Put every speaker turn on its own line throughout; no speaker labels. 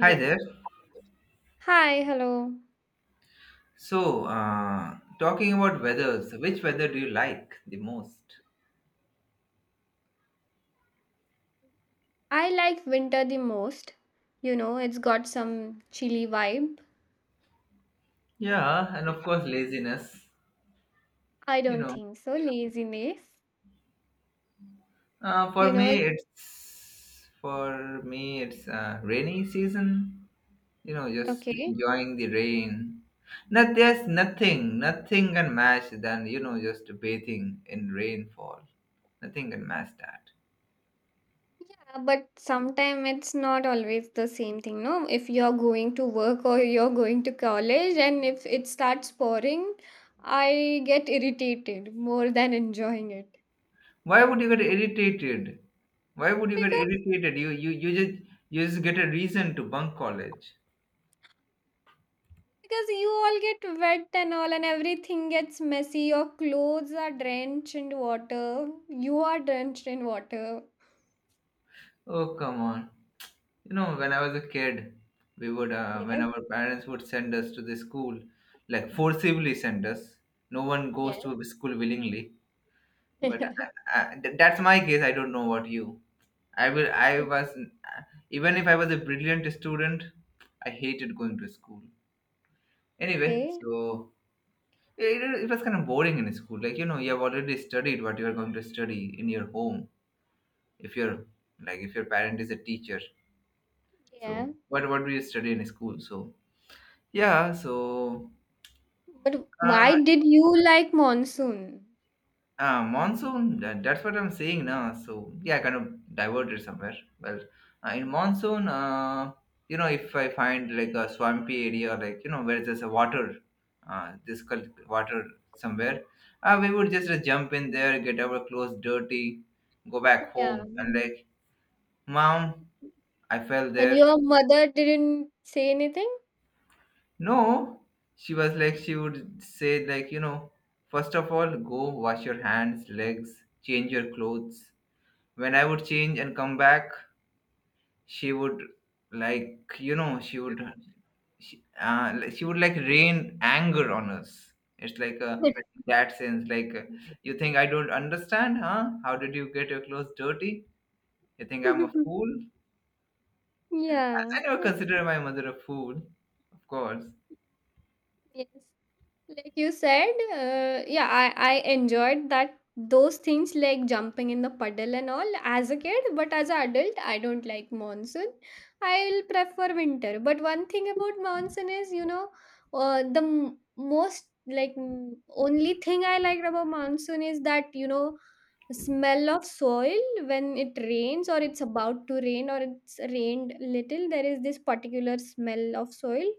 Hi there.
Hi, hello.
So, talking about weathers, which weather do you like the most?
I like winter the most. You know, it's got some chilly vibe.
Yeah, and of course, laziness.
I
You
don't
know,
think so. Laziness. You
for
know,
me,
it,
it's for me it's uh, rainy season. You know, just
okay.
enjoying the rain. Not There's nothing can match than just bathing in rainfall. Nothing can match that.
Yeah, but sometimes it's not always the same thing, no? If you're going to work or you're going to college and if it starts pouring, I get irritated more than enjoying it.
Why would you get irritated? Why would you get
Because
irritated? You just get a reason to bunk college.
Because you all get wet and all, and everything gets messy. Your clothes are drenched in water. You are drenched in water.
Oh, come on. You know, when I was a kid, we would when
Yes,
our parents would send us to the school, like forcibly send us. No one goes
yes.
to a school willingly. But that's my case. I don't know what you. I will. I was Even if I was a brilliant student, I hated going to school. Anyway,
Okay,
so it was kind of boring in school. Like, you know, you have already studied what you are going to study in your home. If you're Like, if your parent is a teacher,
yeah.
so what do you study in school? So yeah, so
But
uh,
why did you like monsoon?
Monsoon, that's what I'm saying now. So, yeah, I kind of diverted somewhere. Well, in monsoon, you know, if I find like a swampy area, like, you know, where there's a water, uh, this col- water somewhere, we would just jump in there, get our clothes dirty, go back
Yeah.
home, and like, Mom, I fell
And
there.
your mother didn't say anything?
No, she would say, like, you know, first of all, go wash your hands, legs, change your clothes when I would change and come back, she would like you know she would she would like rain anger on us. It's like a that sense, you think I don't understand, huh? How did you get your clothes dirty? You think I'm a fool?
Yeah.
I never consider my mother a fool, of course.
Yes. Like you said, yeah, I enjoyed that those things like jumping in the puddle and all as a kid, but as an adult, I don't like monsoon. I'll prefer winter. But one thing about monsoon is, you know, the most like only thing I liked about monsoon is that, you know, smell of soil when it rains or it's about to rain or it's rained little, there is this particular smell of soil.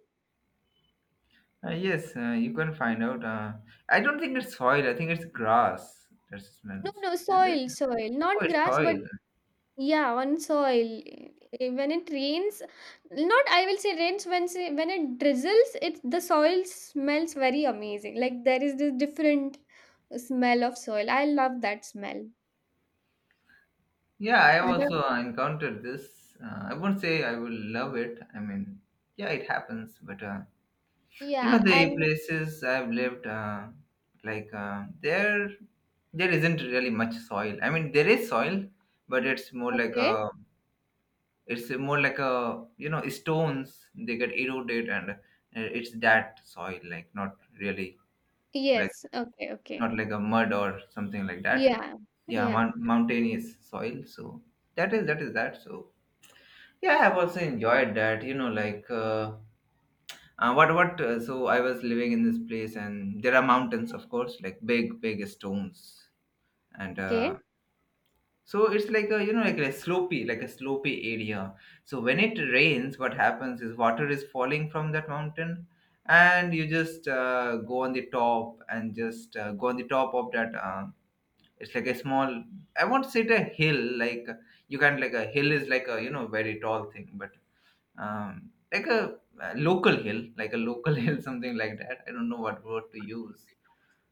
Yes, you can find out. I don't think it's soil. I think it's grass that
No,
smells.
no,
Is it?
soil, soil,
Oh,
not
it's
grass, but
soil.
yeah, on soil. When it rains, not I will say rains when when it drizzles, it the soil smells very amazing. Like there is this different smell of soil. I love that smell.
Yeah, I have
Other,
also encountered this. I won't say I will love it. I mean, yeah, it happens. But you know,
yeah,
the
and
places I've lived, like uh, there, there isn't really much soil. I mean, there is soil, but
okay.
it's more like a, you know, stones. They get eroded, and it's that soil, like not really like
Yes, okay, okay.
not like a mud or something like that.
Yeah,
Yeah,
yeah,
mountainous soil. So that is that. So yeah, I've also enjoyed that. You know, like what what? So I was living in this place, and there are mountains, of course, like big big stones, and
okay.
so it's like a you know like a slopey area. So when it rains, what happens is water is falling from that mountain, and you just go on the top and just go on the top of that. It's like a small. I won't say it a hill. Like you can not like a hill is like a you know very tall thing, but like a local hill, like a local hill, something like that. I don't know what word to use.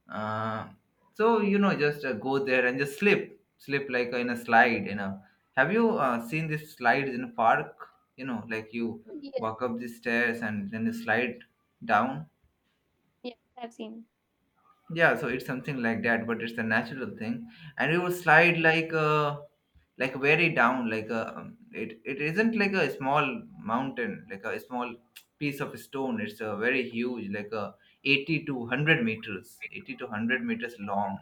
Uh, so you know, just go there and just slip like in a slide. You know, have you seen these slides in a park? You know, like you
Yeah,
walk up the stairs and then you slide down.
yeah, I've seen.
Yeah, so it's something like that, but it's a natural thing, and we would slide like very down, like a it it isn't like a small mountain, like a small piece of stone. It's a very huge, like a 80 to 100 meters, 80 to 100 meters long,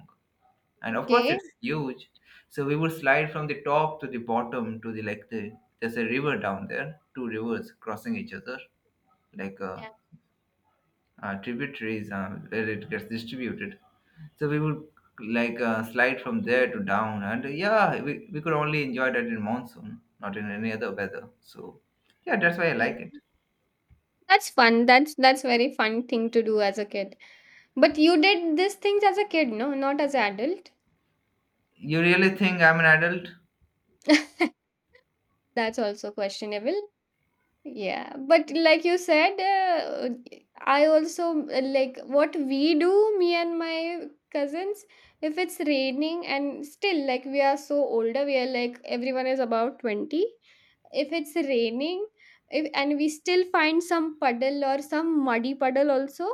and of course
Okay.
it's huge. So we would slide from the top to the bottom to the like the there's a river down there, two rivers crossing each other, like uh,
Yeah,
uh tributaries, where it gets distributed, so we would slide from there to down, and yeah, we could only enjoy that in monsoon, not in any other weather. So yeah, that's why I
yeah.
like it.
That's fun. That's very fun thing to do as a kid. But you did these things as a kid, no? Not as an adult.
You really think I'm an adult?
That's also questionable. Yeah, but like you said, I also like what we do, me and my cousins, if it's raining and still like we are so older, we are like everyone is about 20. If it's raining if, and we still find some puddle or some muddy puddle also,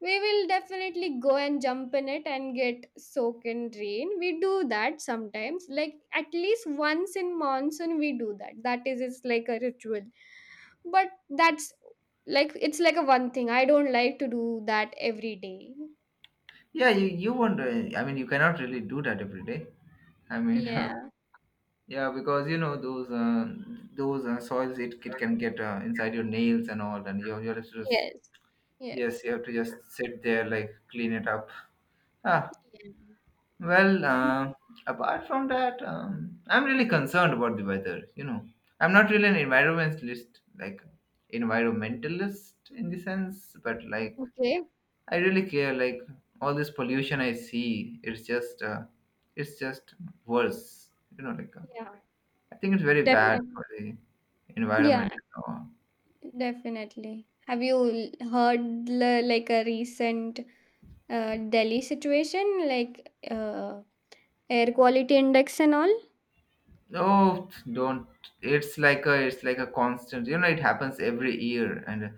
we will definitely go and jump in it and get soaked in rain. We do that sometimes, like at least once in monsoon, we do that. That is, it's like a ritual, but that's, like, it's like a one thing, I don't like to do that every day.
Yeah, you won't. Uh, I mean, you cannot really do that every day. I mean,
Yeah.
yeah, because you know those soils, it can get inside your nails and all, and you have to just
Yes,
yes,
yes.
you have to just sit there like clean it up. Ah,
Yeah.
well,
Mm.
apart from that, I'm really concerned about the weather. You know, I'm not really an environmentalist, like environmentalist in the sense, but like
Okay,
I really care. Like all this pollution I see, it's just, it's just worse. You know,
yeah.
I think it's very bad
Definitely.
for the
Yeah,
environment.
definitely. Have you heard like a recent Delhi situation, like, air quality index and all?
Oh, don't. It's like a constant. You know, it happens every year, and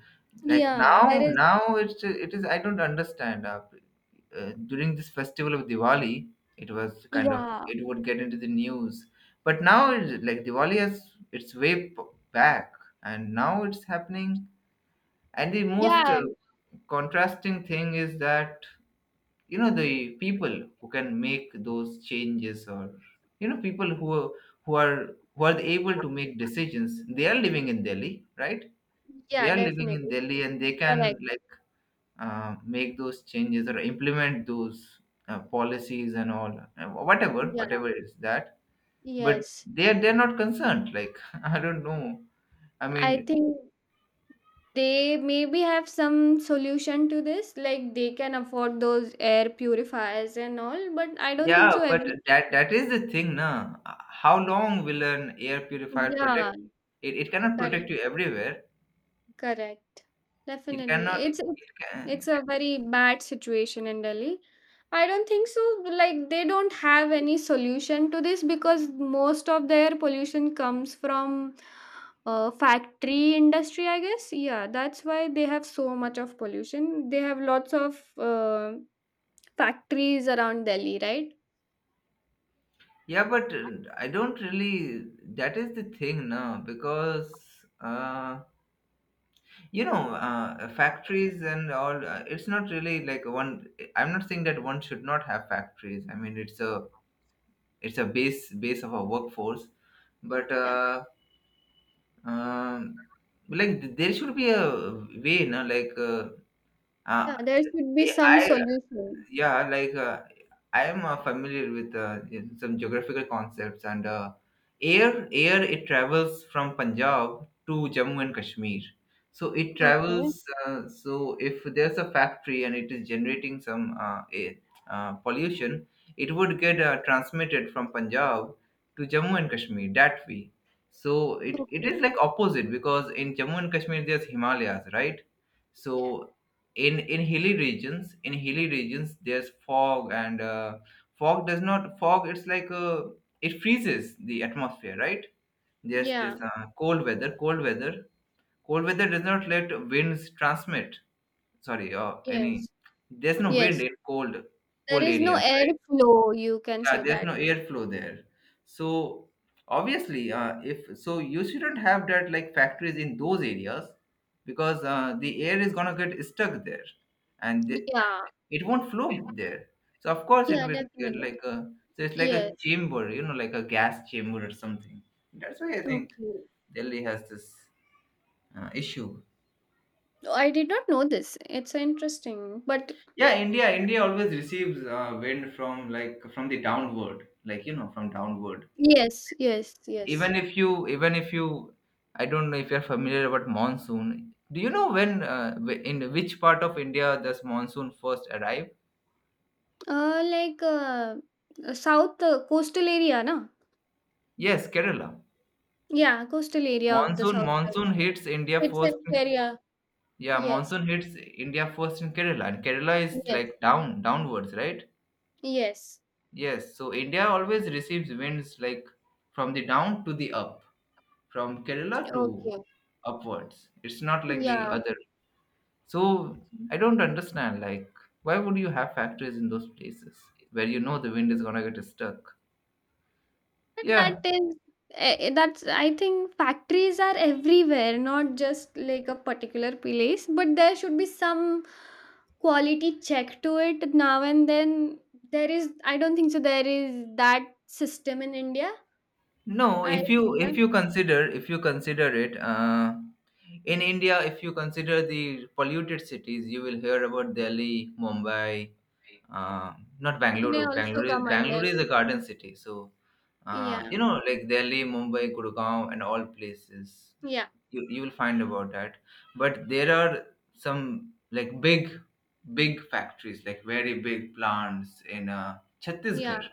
like
Yeah, there
now,
is.
now it's it is. I don't understand. During this festival of Diwali, it was kind of
Yeah,
it would get into the news, but now it's like Diwali has its way back, and now it's happening. And the most
yeah,
contrasting thing is that you know the people who can make those changes, or you know who are able to make decisions, they are living in Delhi, right? They
yeah,
are living in
definitely.
Delhi and they can
Correct.
like make those changes or implement those policies and all, whatever
Yeah,
whatever is that, but
yes.
they're not concerned, like I don't know. I
I
mean,
think they maybe have some solution to this, like they can afford those air purifiers and all, but I don't think
yeah,
so.
but
Every,
that is the thing now. How long will an air purifier
yeah,
protect you? It cannot
correct.
protect you everywhere.
Correct.
It
Definitely.
cannot.
It's it's
It
it's
can.
a very bad situation in Delhi. I don't think so. Like they don't have any solution to this because most of their pollution comes from factory industry, I guess. Yeah, that's why they have so much of pollution. They have lots of factories around Delhi, right?
Yeah, but I don't really. That is the thing now because uh, you know factories and all. It's not really like one. I'm not saying that one should not have factories. I mean, it's a base of our workforce, but
Yeah.
um, like there should be a way, no, like. Uh,
Yeah, there should be some
I
solution.
Yeah, I am familiar with some geographical concepts, and air it travels from Punjab to Jammu and Kashmir. So it
Okay.
travels, so if there's a factory and it is generating some air, pollution, it would get transmitted from Punjab to Jammu and Kashmir that way. So it
Okay.
is like opposite, because in Jammu and Kashmir there's Himalayas, right? So
Yeah.
in hilly regions, there's fog, and fog does not fog it's like it freezes the atmosphere, right? There's this
Yeah.
cold weather does not let winds transmit, sorry any
Yes.
there's no wind
Yes.
in cold
There
cold
is no
areas, right?
airflow, you can
Yeah,
say
there's
that.
no airflow there. So obviously if so you shouldn't have that like factories in those areas, because the air is going to get stuck there, and the,
Yeah,
it won't flow there. So of course it
yeah,
will get
definitely.
like a so it's like a
Yes.
chamber, you know, like a gas chamber or something. That's why I think
Okay.
Delhi has this issue.
Oh, I did not know this. It's interesting. But
Yeah, India always receives wind from like from the downward, like you know, from downward.
yes, yes, yes.
Even if you I don't know if you're familiar about monsoon. Do you know when in which part of India does monsoon first arrive?
Like, south, coastal area, na?
Yes, Kerala.
Yeah, coastal area of the
Monsoon
south side.
monsoon hits India
It's
first
an
in
area.
yeah,
Yes,
monsoon hits India first in Kerala, and Kerala is
yes,
like downwards, right?
yes.
Yes, so India always receives winds like from the down to the up, from Kerala to
Okay.
upwards. It's not like the
Yeah.
other. So I don't understand, like, why would you have factories in those places where you know the wind is gonna get stuck?
But that
Yeah,
is that's, I think factories are everywhere, not just like a particular place, but there should be some quality check to it now and then. There is, I don't think so there is that system in India.
no,
I feel that
if you consider it, in India, if you consider the polluted cities, you will hear about Delhi, Mumbai, uh, not
Pune
Bangalore.
also come under
Bangalore is
it.
a garden city, so
Yeah,
you know, like Delhi, Mumbai, Gurgaon, and all places
yeah,
you you will find about that. But there are some like big factories, like very big plants in
yeah.
Chhattisgarh.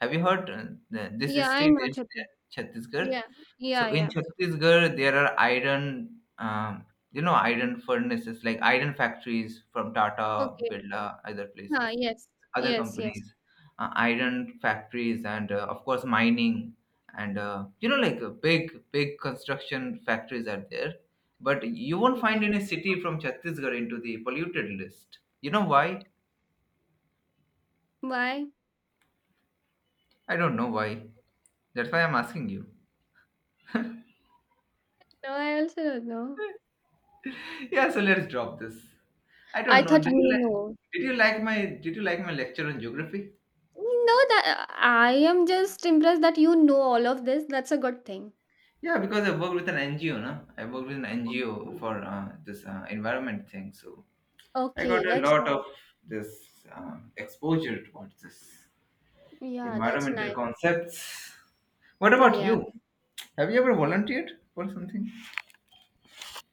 Have you heard this
Yeah, I
state
know
is
Chitu.
Chhattisgarh?
Yeah, yeah,
So in
yeah.
Chhattisgarh, there are iron, you know, iron furnaces, like iron factories from Tata,
Okay.
Birla, other
Ah,
places,
yes,
other
yes, yes.
companies, iron factories, and of course mining, and you know, like big, big construction factories are there. But you won't find
Okay.
any city from Chhattisgarh into the polluted list. You know why?
Why?
I don't know why. That's why I'm asking you.
No, I also don't know.
Yeah, so let's drop this. I
I
don't know.
thought you know.
Did you like my did you like my lecture on geography?
No, that I am just impressed that you know all of this. That's a good thing.
Yeah, because I worked with an NGO, no? I worked with an NGO for this environment thing. So I got
Okay,
a
that's
lot of
nice.
this exposure towards this
Yeah, that's
environmental
nice.
concepts. What about
Yeah.
you? Have you ever volunteered for something?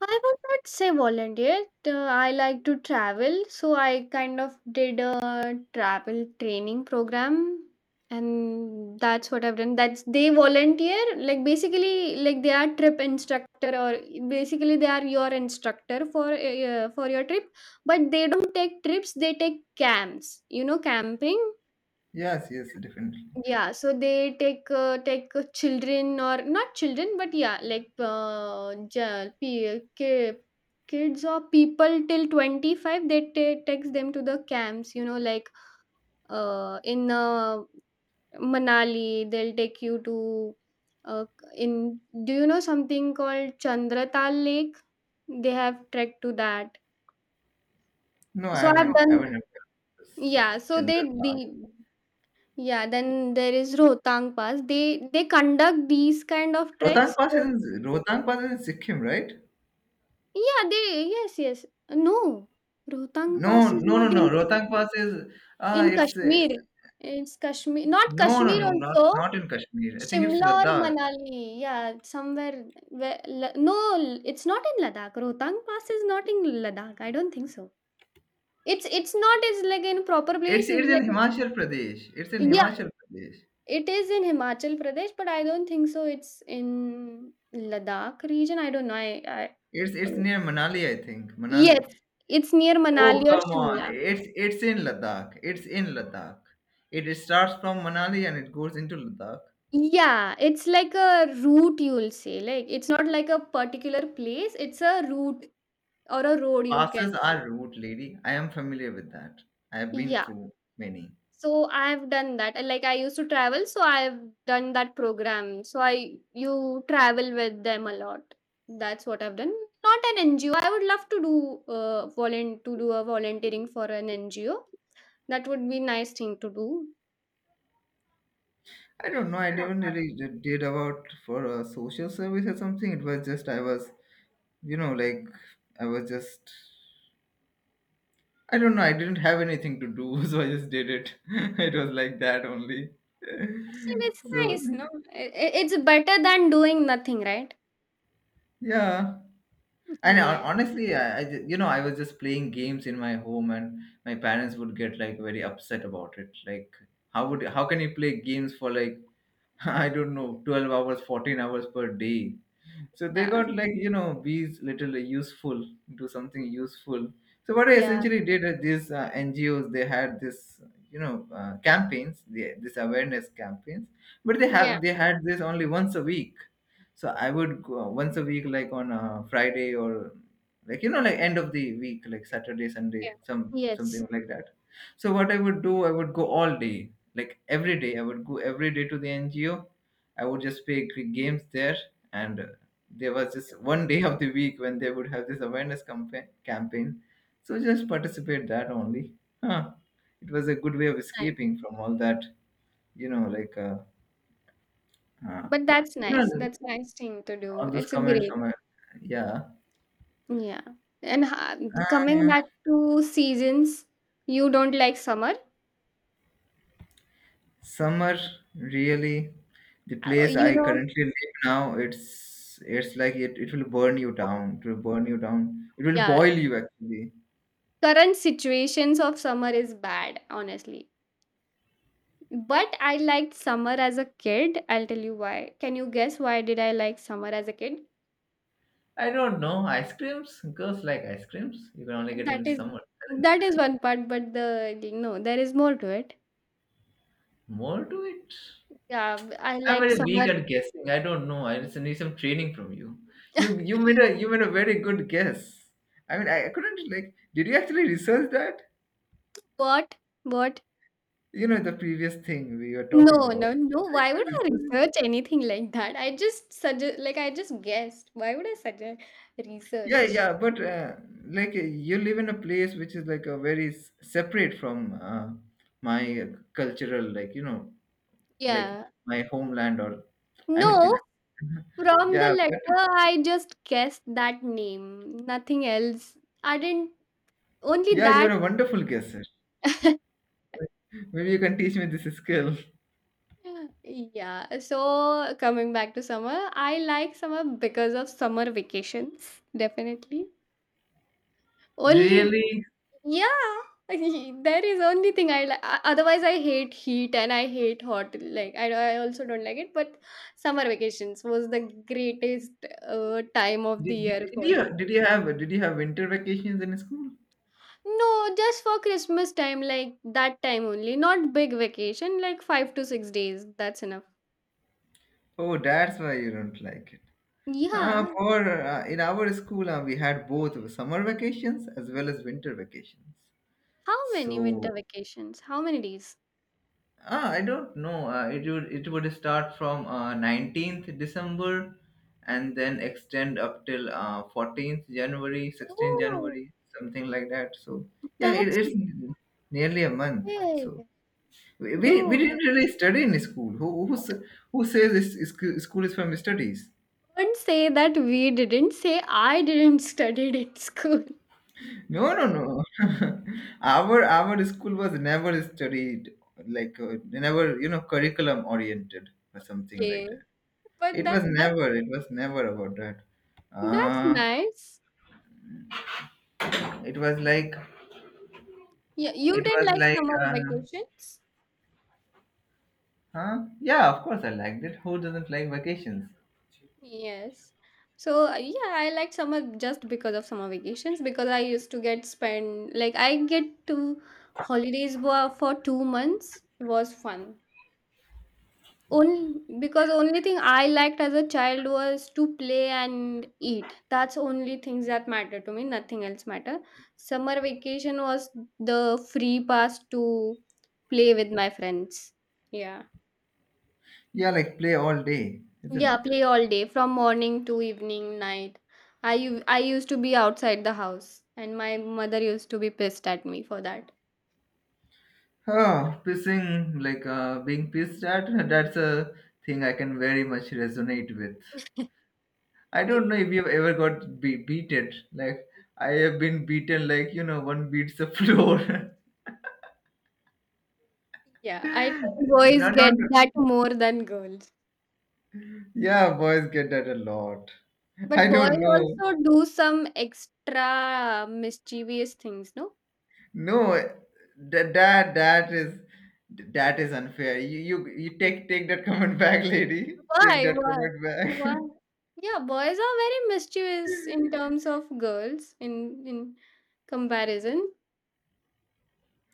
I would not say volunteer. I like to travel, so I kind of did a travel training program, and that's what I've done. That's they volunteer, like basically, like they are trip instructor, or basically they are your instructor for your trip, but they don't take trips. They take camps. You know, camping.
Yes, yes, definitely.
Yeah, so they take take children or not children, but yeah, like, kids or people till 25, they takes them to the camps, you know, like, in, Manali, they'll take you to, uh, in, do you know something called Chandratal Lake? They have trekked to that.
No, I
So I've
haven't. I haven't
done,
ever. done this.
yeah, so they
Chandra
the, yeah, then there is Rohtang Pass. They conduct these kind of
Rohtang
treks.
Pass
So
is in, Rohtang Pass is in Sikkim, right?
yeah, they, yes, yes. No, Rohtang
No,
Pass is
no,
not
no,
in
no. Rohtang
Sikkim.
Pass is ah,
In
it's
Kashmir, it's Kashmir, not
no, no,
Kashmir
no, not
also.
not in Kashmir. I think it's
Shimla or
Ladakh.
Manali, yeah, somewhere. Where, no, it's not in Ladakh. Rohtang Pass is not in Ladakh. I don't think so. It's not. It's like in proper
It's
place. It's
it's in
like
Himachal Pradesh. It's in
yeah,
Himachal Pradesh.
it is in Himachal Pradesh, but I don't think so it's in Ladakh region, I don't know, I
It's
uh,
it's near Manali, I think. Manali.
yes, it's near Manali
Oh,
or
come on.
Shimla.
It's in Ladakh. It's in Ladakh. It starts from Manali and it goes into Ladakh.
Yeah, it's like a route you'll say, like, it's not like a particular place, it's a route or a road you
Passes
can say.
are route, lady. I am familiar with that. I have been
Yeah.
through many.
So I've done that. And like I used to travel, so I've done that program. So I you travel with them a lot. That's what I've done. Not an NGO. I would love to do volun to do a volunteering for an NGO. That would be nice thing to do.
I don't know. I didn't really did about for a social service or something. It was just you know, like I was just. I don't know. I didn't have anything to do, so I just did it. It was like that only.
Still, it's
so
nice, no? It's better than doing nothing, right?
yeah, and hon-
Yeah,
honestly, I ju- you know I was just playing games in my home, and my parents would get like very upset about it. Like how can you play games for like I don't know 12 hours, 14 hours per day? So they
yeah,
got like, you know, be little useful, do something useful. So what I
yeah,
essentially did at these NGOs, they had this, campaigns, this awareness campaigns, but
yeah,
they had this only once a week. So I would go once a week, like on a Friday or like you know, like end of the week, like Saturday, Sunday,
yeah.
some
Yes,
something like that. So what I would do, I would go all day, like every day. I would go every day to the NGO. I would just play games there and there was just one day of the week when they would have this campaign, so just participate that only. Huh, it was a good way of
nice.
escaping from all that, you know like uh, uh,
But that's
you
nice.
know
That's nice thing to do.
all those
It's a
comments
great.
from yeah.
Yeah. And coming
uh,
back to seasons, you don't like summer.
Summer, really? The place I
You know,
currently live now, it's like it will burn you down, it will burn you down, it will
yeah,
boil you actually.
current situations of summer is bad, honestly. But I liked summer as a kid. I'll tell you why. Can you guess why did I like summer as a kid?
I don't know, ice creams, girls like ice creams, you can only get it
That
in
is,
summer.
one part, but the no, there is more to it.
More to it?
Yeah, I
I'm
liked
very
summer.
weak at guessing. I don't know. I just need some training from you. You you made a you made a very good guess. I couldn't. Did you actually research that?
What? What?
You know the previous thing we were talking
No,
about.
no, no. Why would I research anything like that? I just suggest, like, I just guessed. Why would I suggest
Yeah,
research?
yeah, but you live in a place which is like a very separate from my cultural, like you know, like
Yeah.
my homeland or I mean,
No,
it,
from the
yeah, but
letter, I just guessed that name. Nothing else. I didn't, only
yeah,
that.
you're a wonderful guesser. Maybe you can teach me this skill.
Yeah. So, coming back to summer, I like summer because of summer vacations, definitely. Only,
Really?
yeah, that is only thing I like. Otherwise, I hate heat and I hate hot. Like, I also don't like it. But summer vacations was the greatest time of the year for me.
Did you have winter vacations in school?
No, just for Christmas time, like that time only. Not big vacation, like 5 to 6 days. That's enough.
Oh, that's why you don't like it.
Yeah.
For In our school, we had both summer vacations as well as winter vacations.
How many winter
So
vacations? How many days?
I don't know. It would it would start from December 19th, and then extend up till January 14th, 16th,
Oh,
something like that. So yeah,
that's
it's nearly a month. So
big.
we
No,
didn't really study in school. Who says school is for studies?
don't say that we didn't say I didn't studied at school.
No, no, no. Our school was never studied like never you know curriculum oriented or something like
Okay,
that.
but
It
that
was
that that
never. It was never about that.
that's
Uh,
nice.
it was like
Yeah, you
it
didn't
was
like
like
summer vacations?
huh? Yeah, of course I liked it. Who doesn't like vacations?
Yes. So yeah, I like summer just because of summer vacations because I used to get spend like I get to holidays were for 2 months. It was fun. Only because only thing I liked as a child was to play and eat. That's only things that matter to me, nothing else matter. Summer vacation was the free pass to play with my friends. Yeah.
Yeah, like play all day, isn't
Yeah,
it?
play all day from morning to evening, night. I used to be outside the house and my mother used to be pissed at me for that.
Oh, pissing, like being pissed at, that's a thing I can very much resonate with. I don't know if you've ever got beaten. Like I have been beaten like you know one beats the floor.
Yeah, I think boys
no, no,
get
no.
that more than girls.
Yeah, boys get that a lot. I
But
don't
boys
know.
also do some extra mischievous things, no?
No, that is that is unfair. You take take that comment back, lady. Take
Why?
that
Why?
comment
Why?
back.
Yeah, boys are very mischievous in terms of girls in comparison.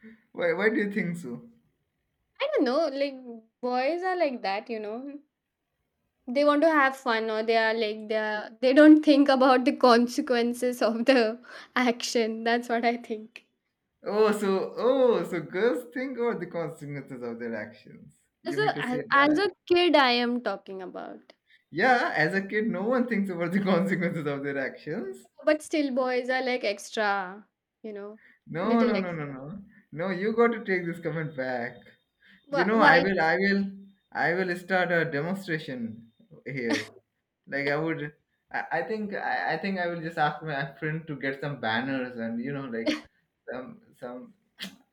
Why do you think so?
I don't know, like boys are like that, you know. They want to have fun or they are like they are, they don't think about the consequences of the action. That's what I think.
Oh, so oh, so girls think about the consequences of their actions.
As
You mean to
a as,
say
as
that?
a kid I am talking about.
Yeah, as a kid, no one thinks about the consequences of their actions.
But still, boys are like extra, you know,
No,
little
no, no, no,
extra.
no. No, you got to take this comment back. You
Why?
know,
Why?
I will start a demonstration here. Like I think I will just ask my friend to get some banners and you know, like some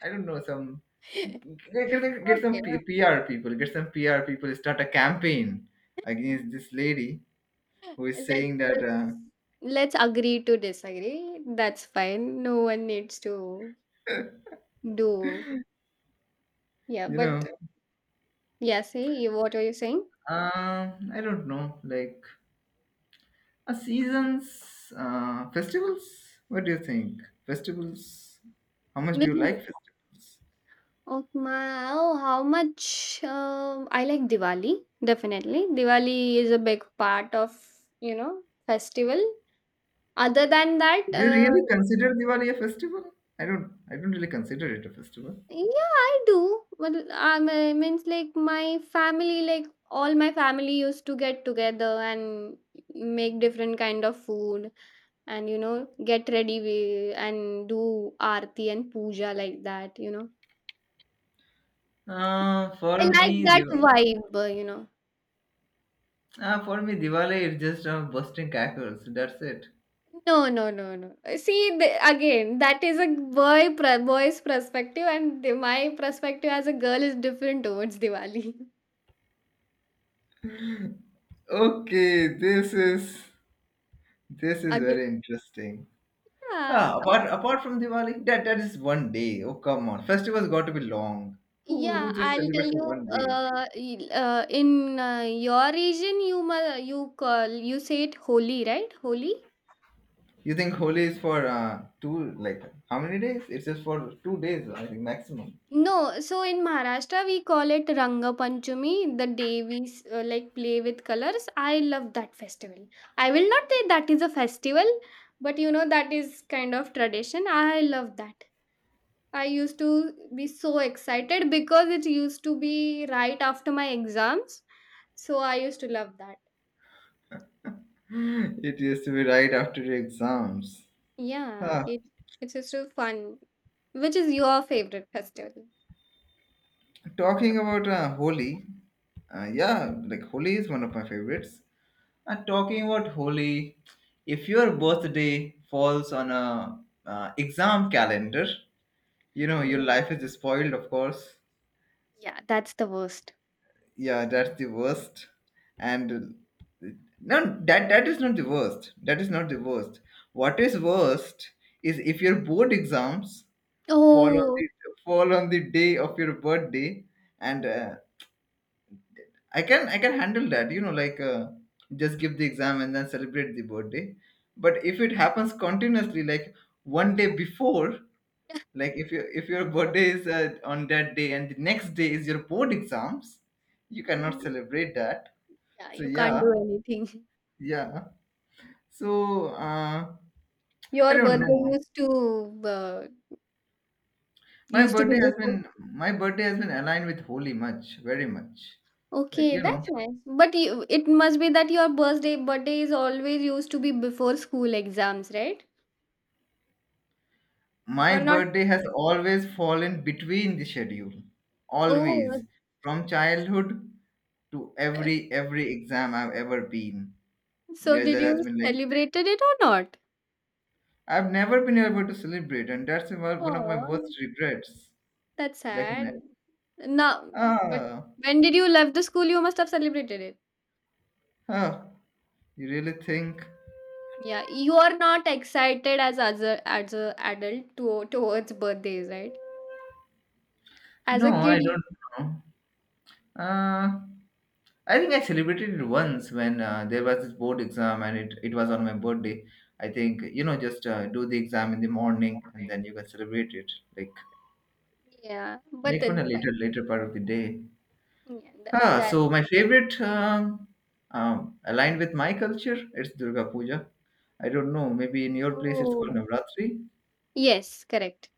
I don't know some get
Okay,
some
okay.
PR people, get some PR people, start a campaign against this lady who is
Let's,
saying that
let's agree to disagree. That's fine. No one needs to do. Yeah,
you
but
know
yeah. See, you, what are you saying?
I don't know, like a seasons, festivals. What do you think? Festivals? How much do
Which
you
is,
like festivals?
oh my, oh, how much, I like Diwali. Definitely, Diwali is a big part of, you know, festival. Other than that,
Do you
uh.
really consider Diwali a festival? I don't. I don't really consider it a festival.
Yeah, I do. But I means like my family, like all my family used to get together and make different kind of food and you know get ready and do aarti and puja like that. You know,
Uh,
I
for
like
me,
that
Diwali.
vibe. You know,
For me, Diwali is just busting crackers. That's it.
no, no, no, no. See again, that is a boy's perspective, and my perspective as a girl is different towards Diwali.
Okay, this is very
Again,
interesting.
yeah.
Apart from Diwali, that that is one day. Oh come on, festivals got to be long. Who
Yeah,
who just
I'll tell
celebrates for
you.
one day?
In your region, you you call, you say it Holi, right? Holi.
You think Holi is for two like how many days? It's just for 2 days, I think maximum.
No, so in Maharashtra we call it Ranga Panchami, the day we like play with colors. I love that festival. I will not say that is a festival, but you know that is kind of tradition. I love that. I used to be so excited because it used to be right after my exams, so I used to love that.
It used to be right after the exams.
Yeah,
Ah,
it's just so fun. Which is your favorite festival?
Talking about Holi, yeah, like Holi is one of my favorites. And talking about Holi, if your birthday falls on a exam calendar, you know your
Yeah,
life is spoiled, of course.
yeah, that's the worst.
Yeah, that's the worst. And no, that is not the worst. That is not the worst. What is worst is if your board exams fall on
Oh,
the fall on the day of your birthday, and I can handle that. You know, like just give the exam and then celebrate the birthday. But if it happens continuously, like one day before, like if your birthday is on that day and the next day is your board exams, you cannot
mm,
celebrate that.
yeah,
So
you can't do
yeah,
anything.
yeah. So I
Your
don't
birthday
know.
uh, used to be before.
My birthday has been aligned with holy much, very much. Like
Okay,
you
that's
know.
nice. But you, it must be that your birthday is always used to be before school exams, right?
My
Or not?
birthday has always fallen between the schedule.
Oh,
Always. From childhood to every exam I've ever been.
so
Where
did
there
you
has been like
celebrated it or not?
I've never been able to celebrate, and that's one of my
Oh.
worst regrets.
That's
Like
sad. Now, but
ah,
when did you left the school? You must have celebrated it.
ah, you really think?
Yeah, you are not excited as as a adult to, towards birthdays, right? As
No,
a kid,
I don't know. I think I celebrated it once when there was this board exam and it was on my birthday. I think, you know, just do the exam in the morning and then you can celebrate it like
yeah. But
on
then
a
that,
later part of the day.
yeah, that,
Huh,
that
so my favorite aligned with my culture, it's Durga Puja. I don't know, maybe in your place it's called
oh.
Navratri.
Yes, correct.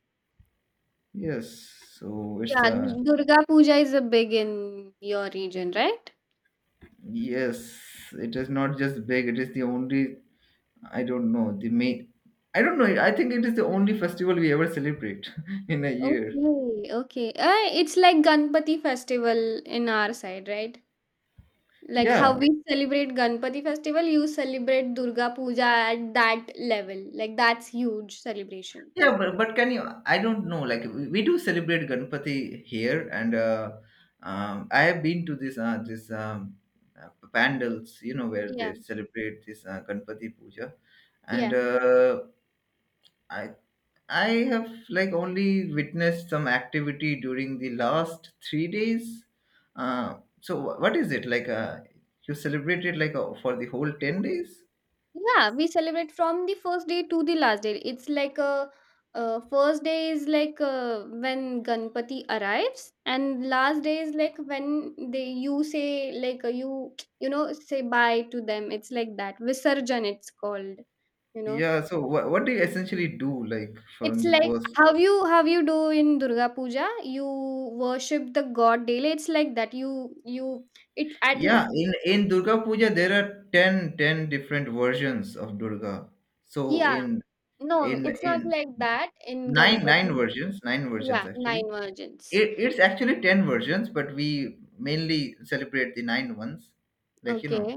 Yes, so it's
Yeah,
a
Durga Puja is a big in your region, right?
yes, it is not just big, it is the only I don't know. The May. I don't know. I think it is the only festival we ever celebrate in a year.
Okay, okay. It's like Ganpati festival in our side, right? Like how
Yeah.
we celebrate Ganpati festival, you celebrate Durga Puja at that level. Like that's huge celebration.
Yeah, but can you? I don't know. Like we do celebrate Ganpati here, and I have been to this this pandals, you know, where
Yeah,
they celebrate this Ganpati puja, and
yeah,
I I have like only witnessed some activity during the last 3 days. What is it like? You celebrated like for the whole 10 days?
yeah. We celebrate from the first day to the last day. It's like a first day is like when Ganpati arrives, and last day is like when they you say like you you know say bye to them. It's like that Visarjan. It's called. You know.
Yeah. So what do you essentially do like from
It's
the
like
first?
how you do in Durga Puja, you worship the god daily. It's like that. You it at le-
Yeah. In Durga Puja there are 10 different versions of Durga. So
yeah. No, it's not
in
like that in
nine nine
Ganpati.
versions
Yeah,
actually
nine virgins.
it's actually 10 versions but we mainly celebrate the nine ones like you know
Okay.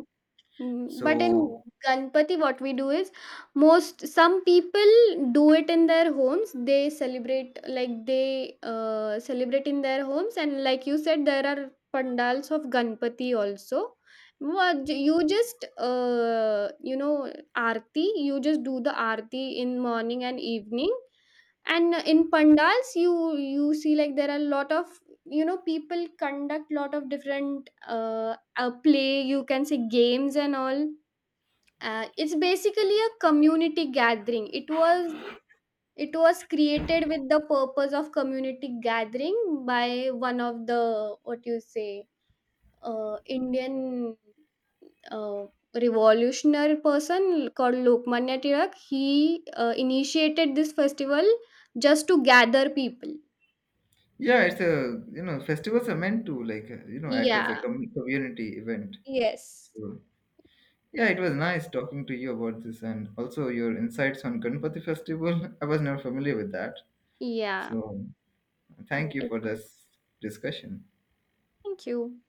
But in
so
Ganpati, what we do is, most some people do it in their homes. They celebrate like they celebrate in their homes, and like you said, there are pandals of Ganpati also. You just you know arti, you just do the arti in morning and evening, and in pandals you see like there are a lot of, you know, people conduct lot of different play you can say games and all. It's basically a community gathering, it was created with the purpose of community gathering by one of the what you say, Indian, uh, revolutionary person called Lokmanya Tirak, he initiated this festival just to gather people.
yeah it's a you know festivals are meant to like you know act as a
Yeah,
community event
yes,
so yeah it was nice talking to you about this and also your insights on Ganpati festival I was not familiar with that
yeah.
so
Yeah,
thank you
it's.
for this discussion
Thank you.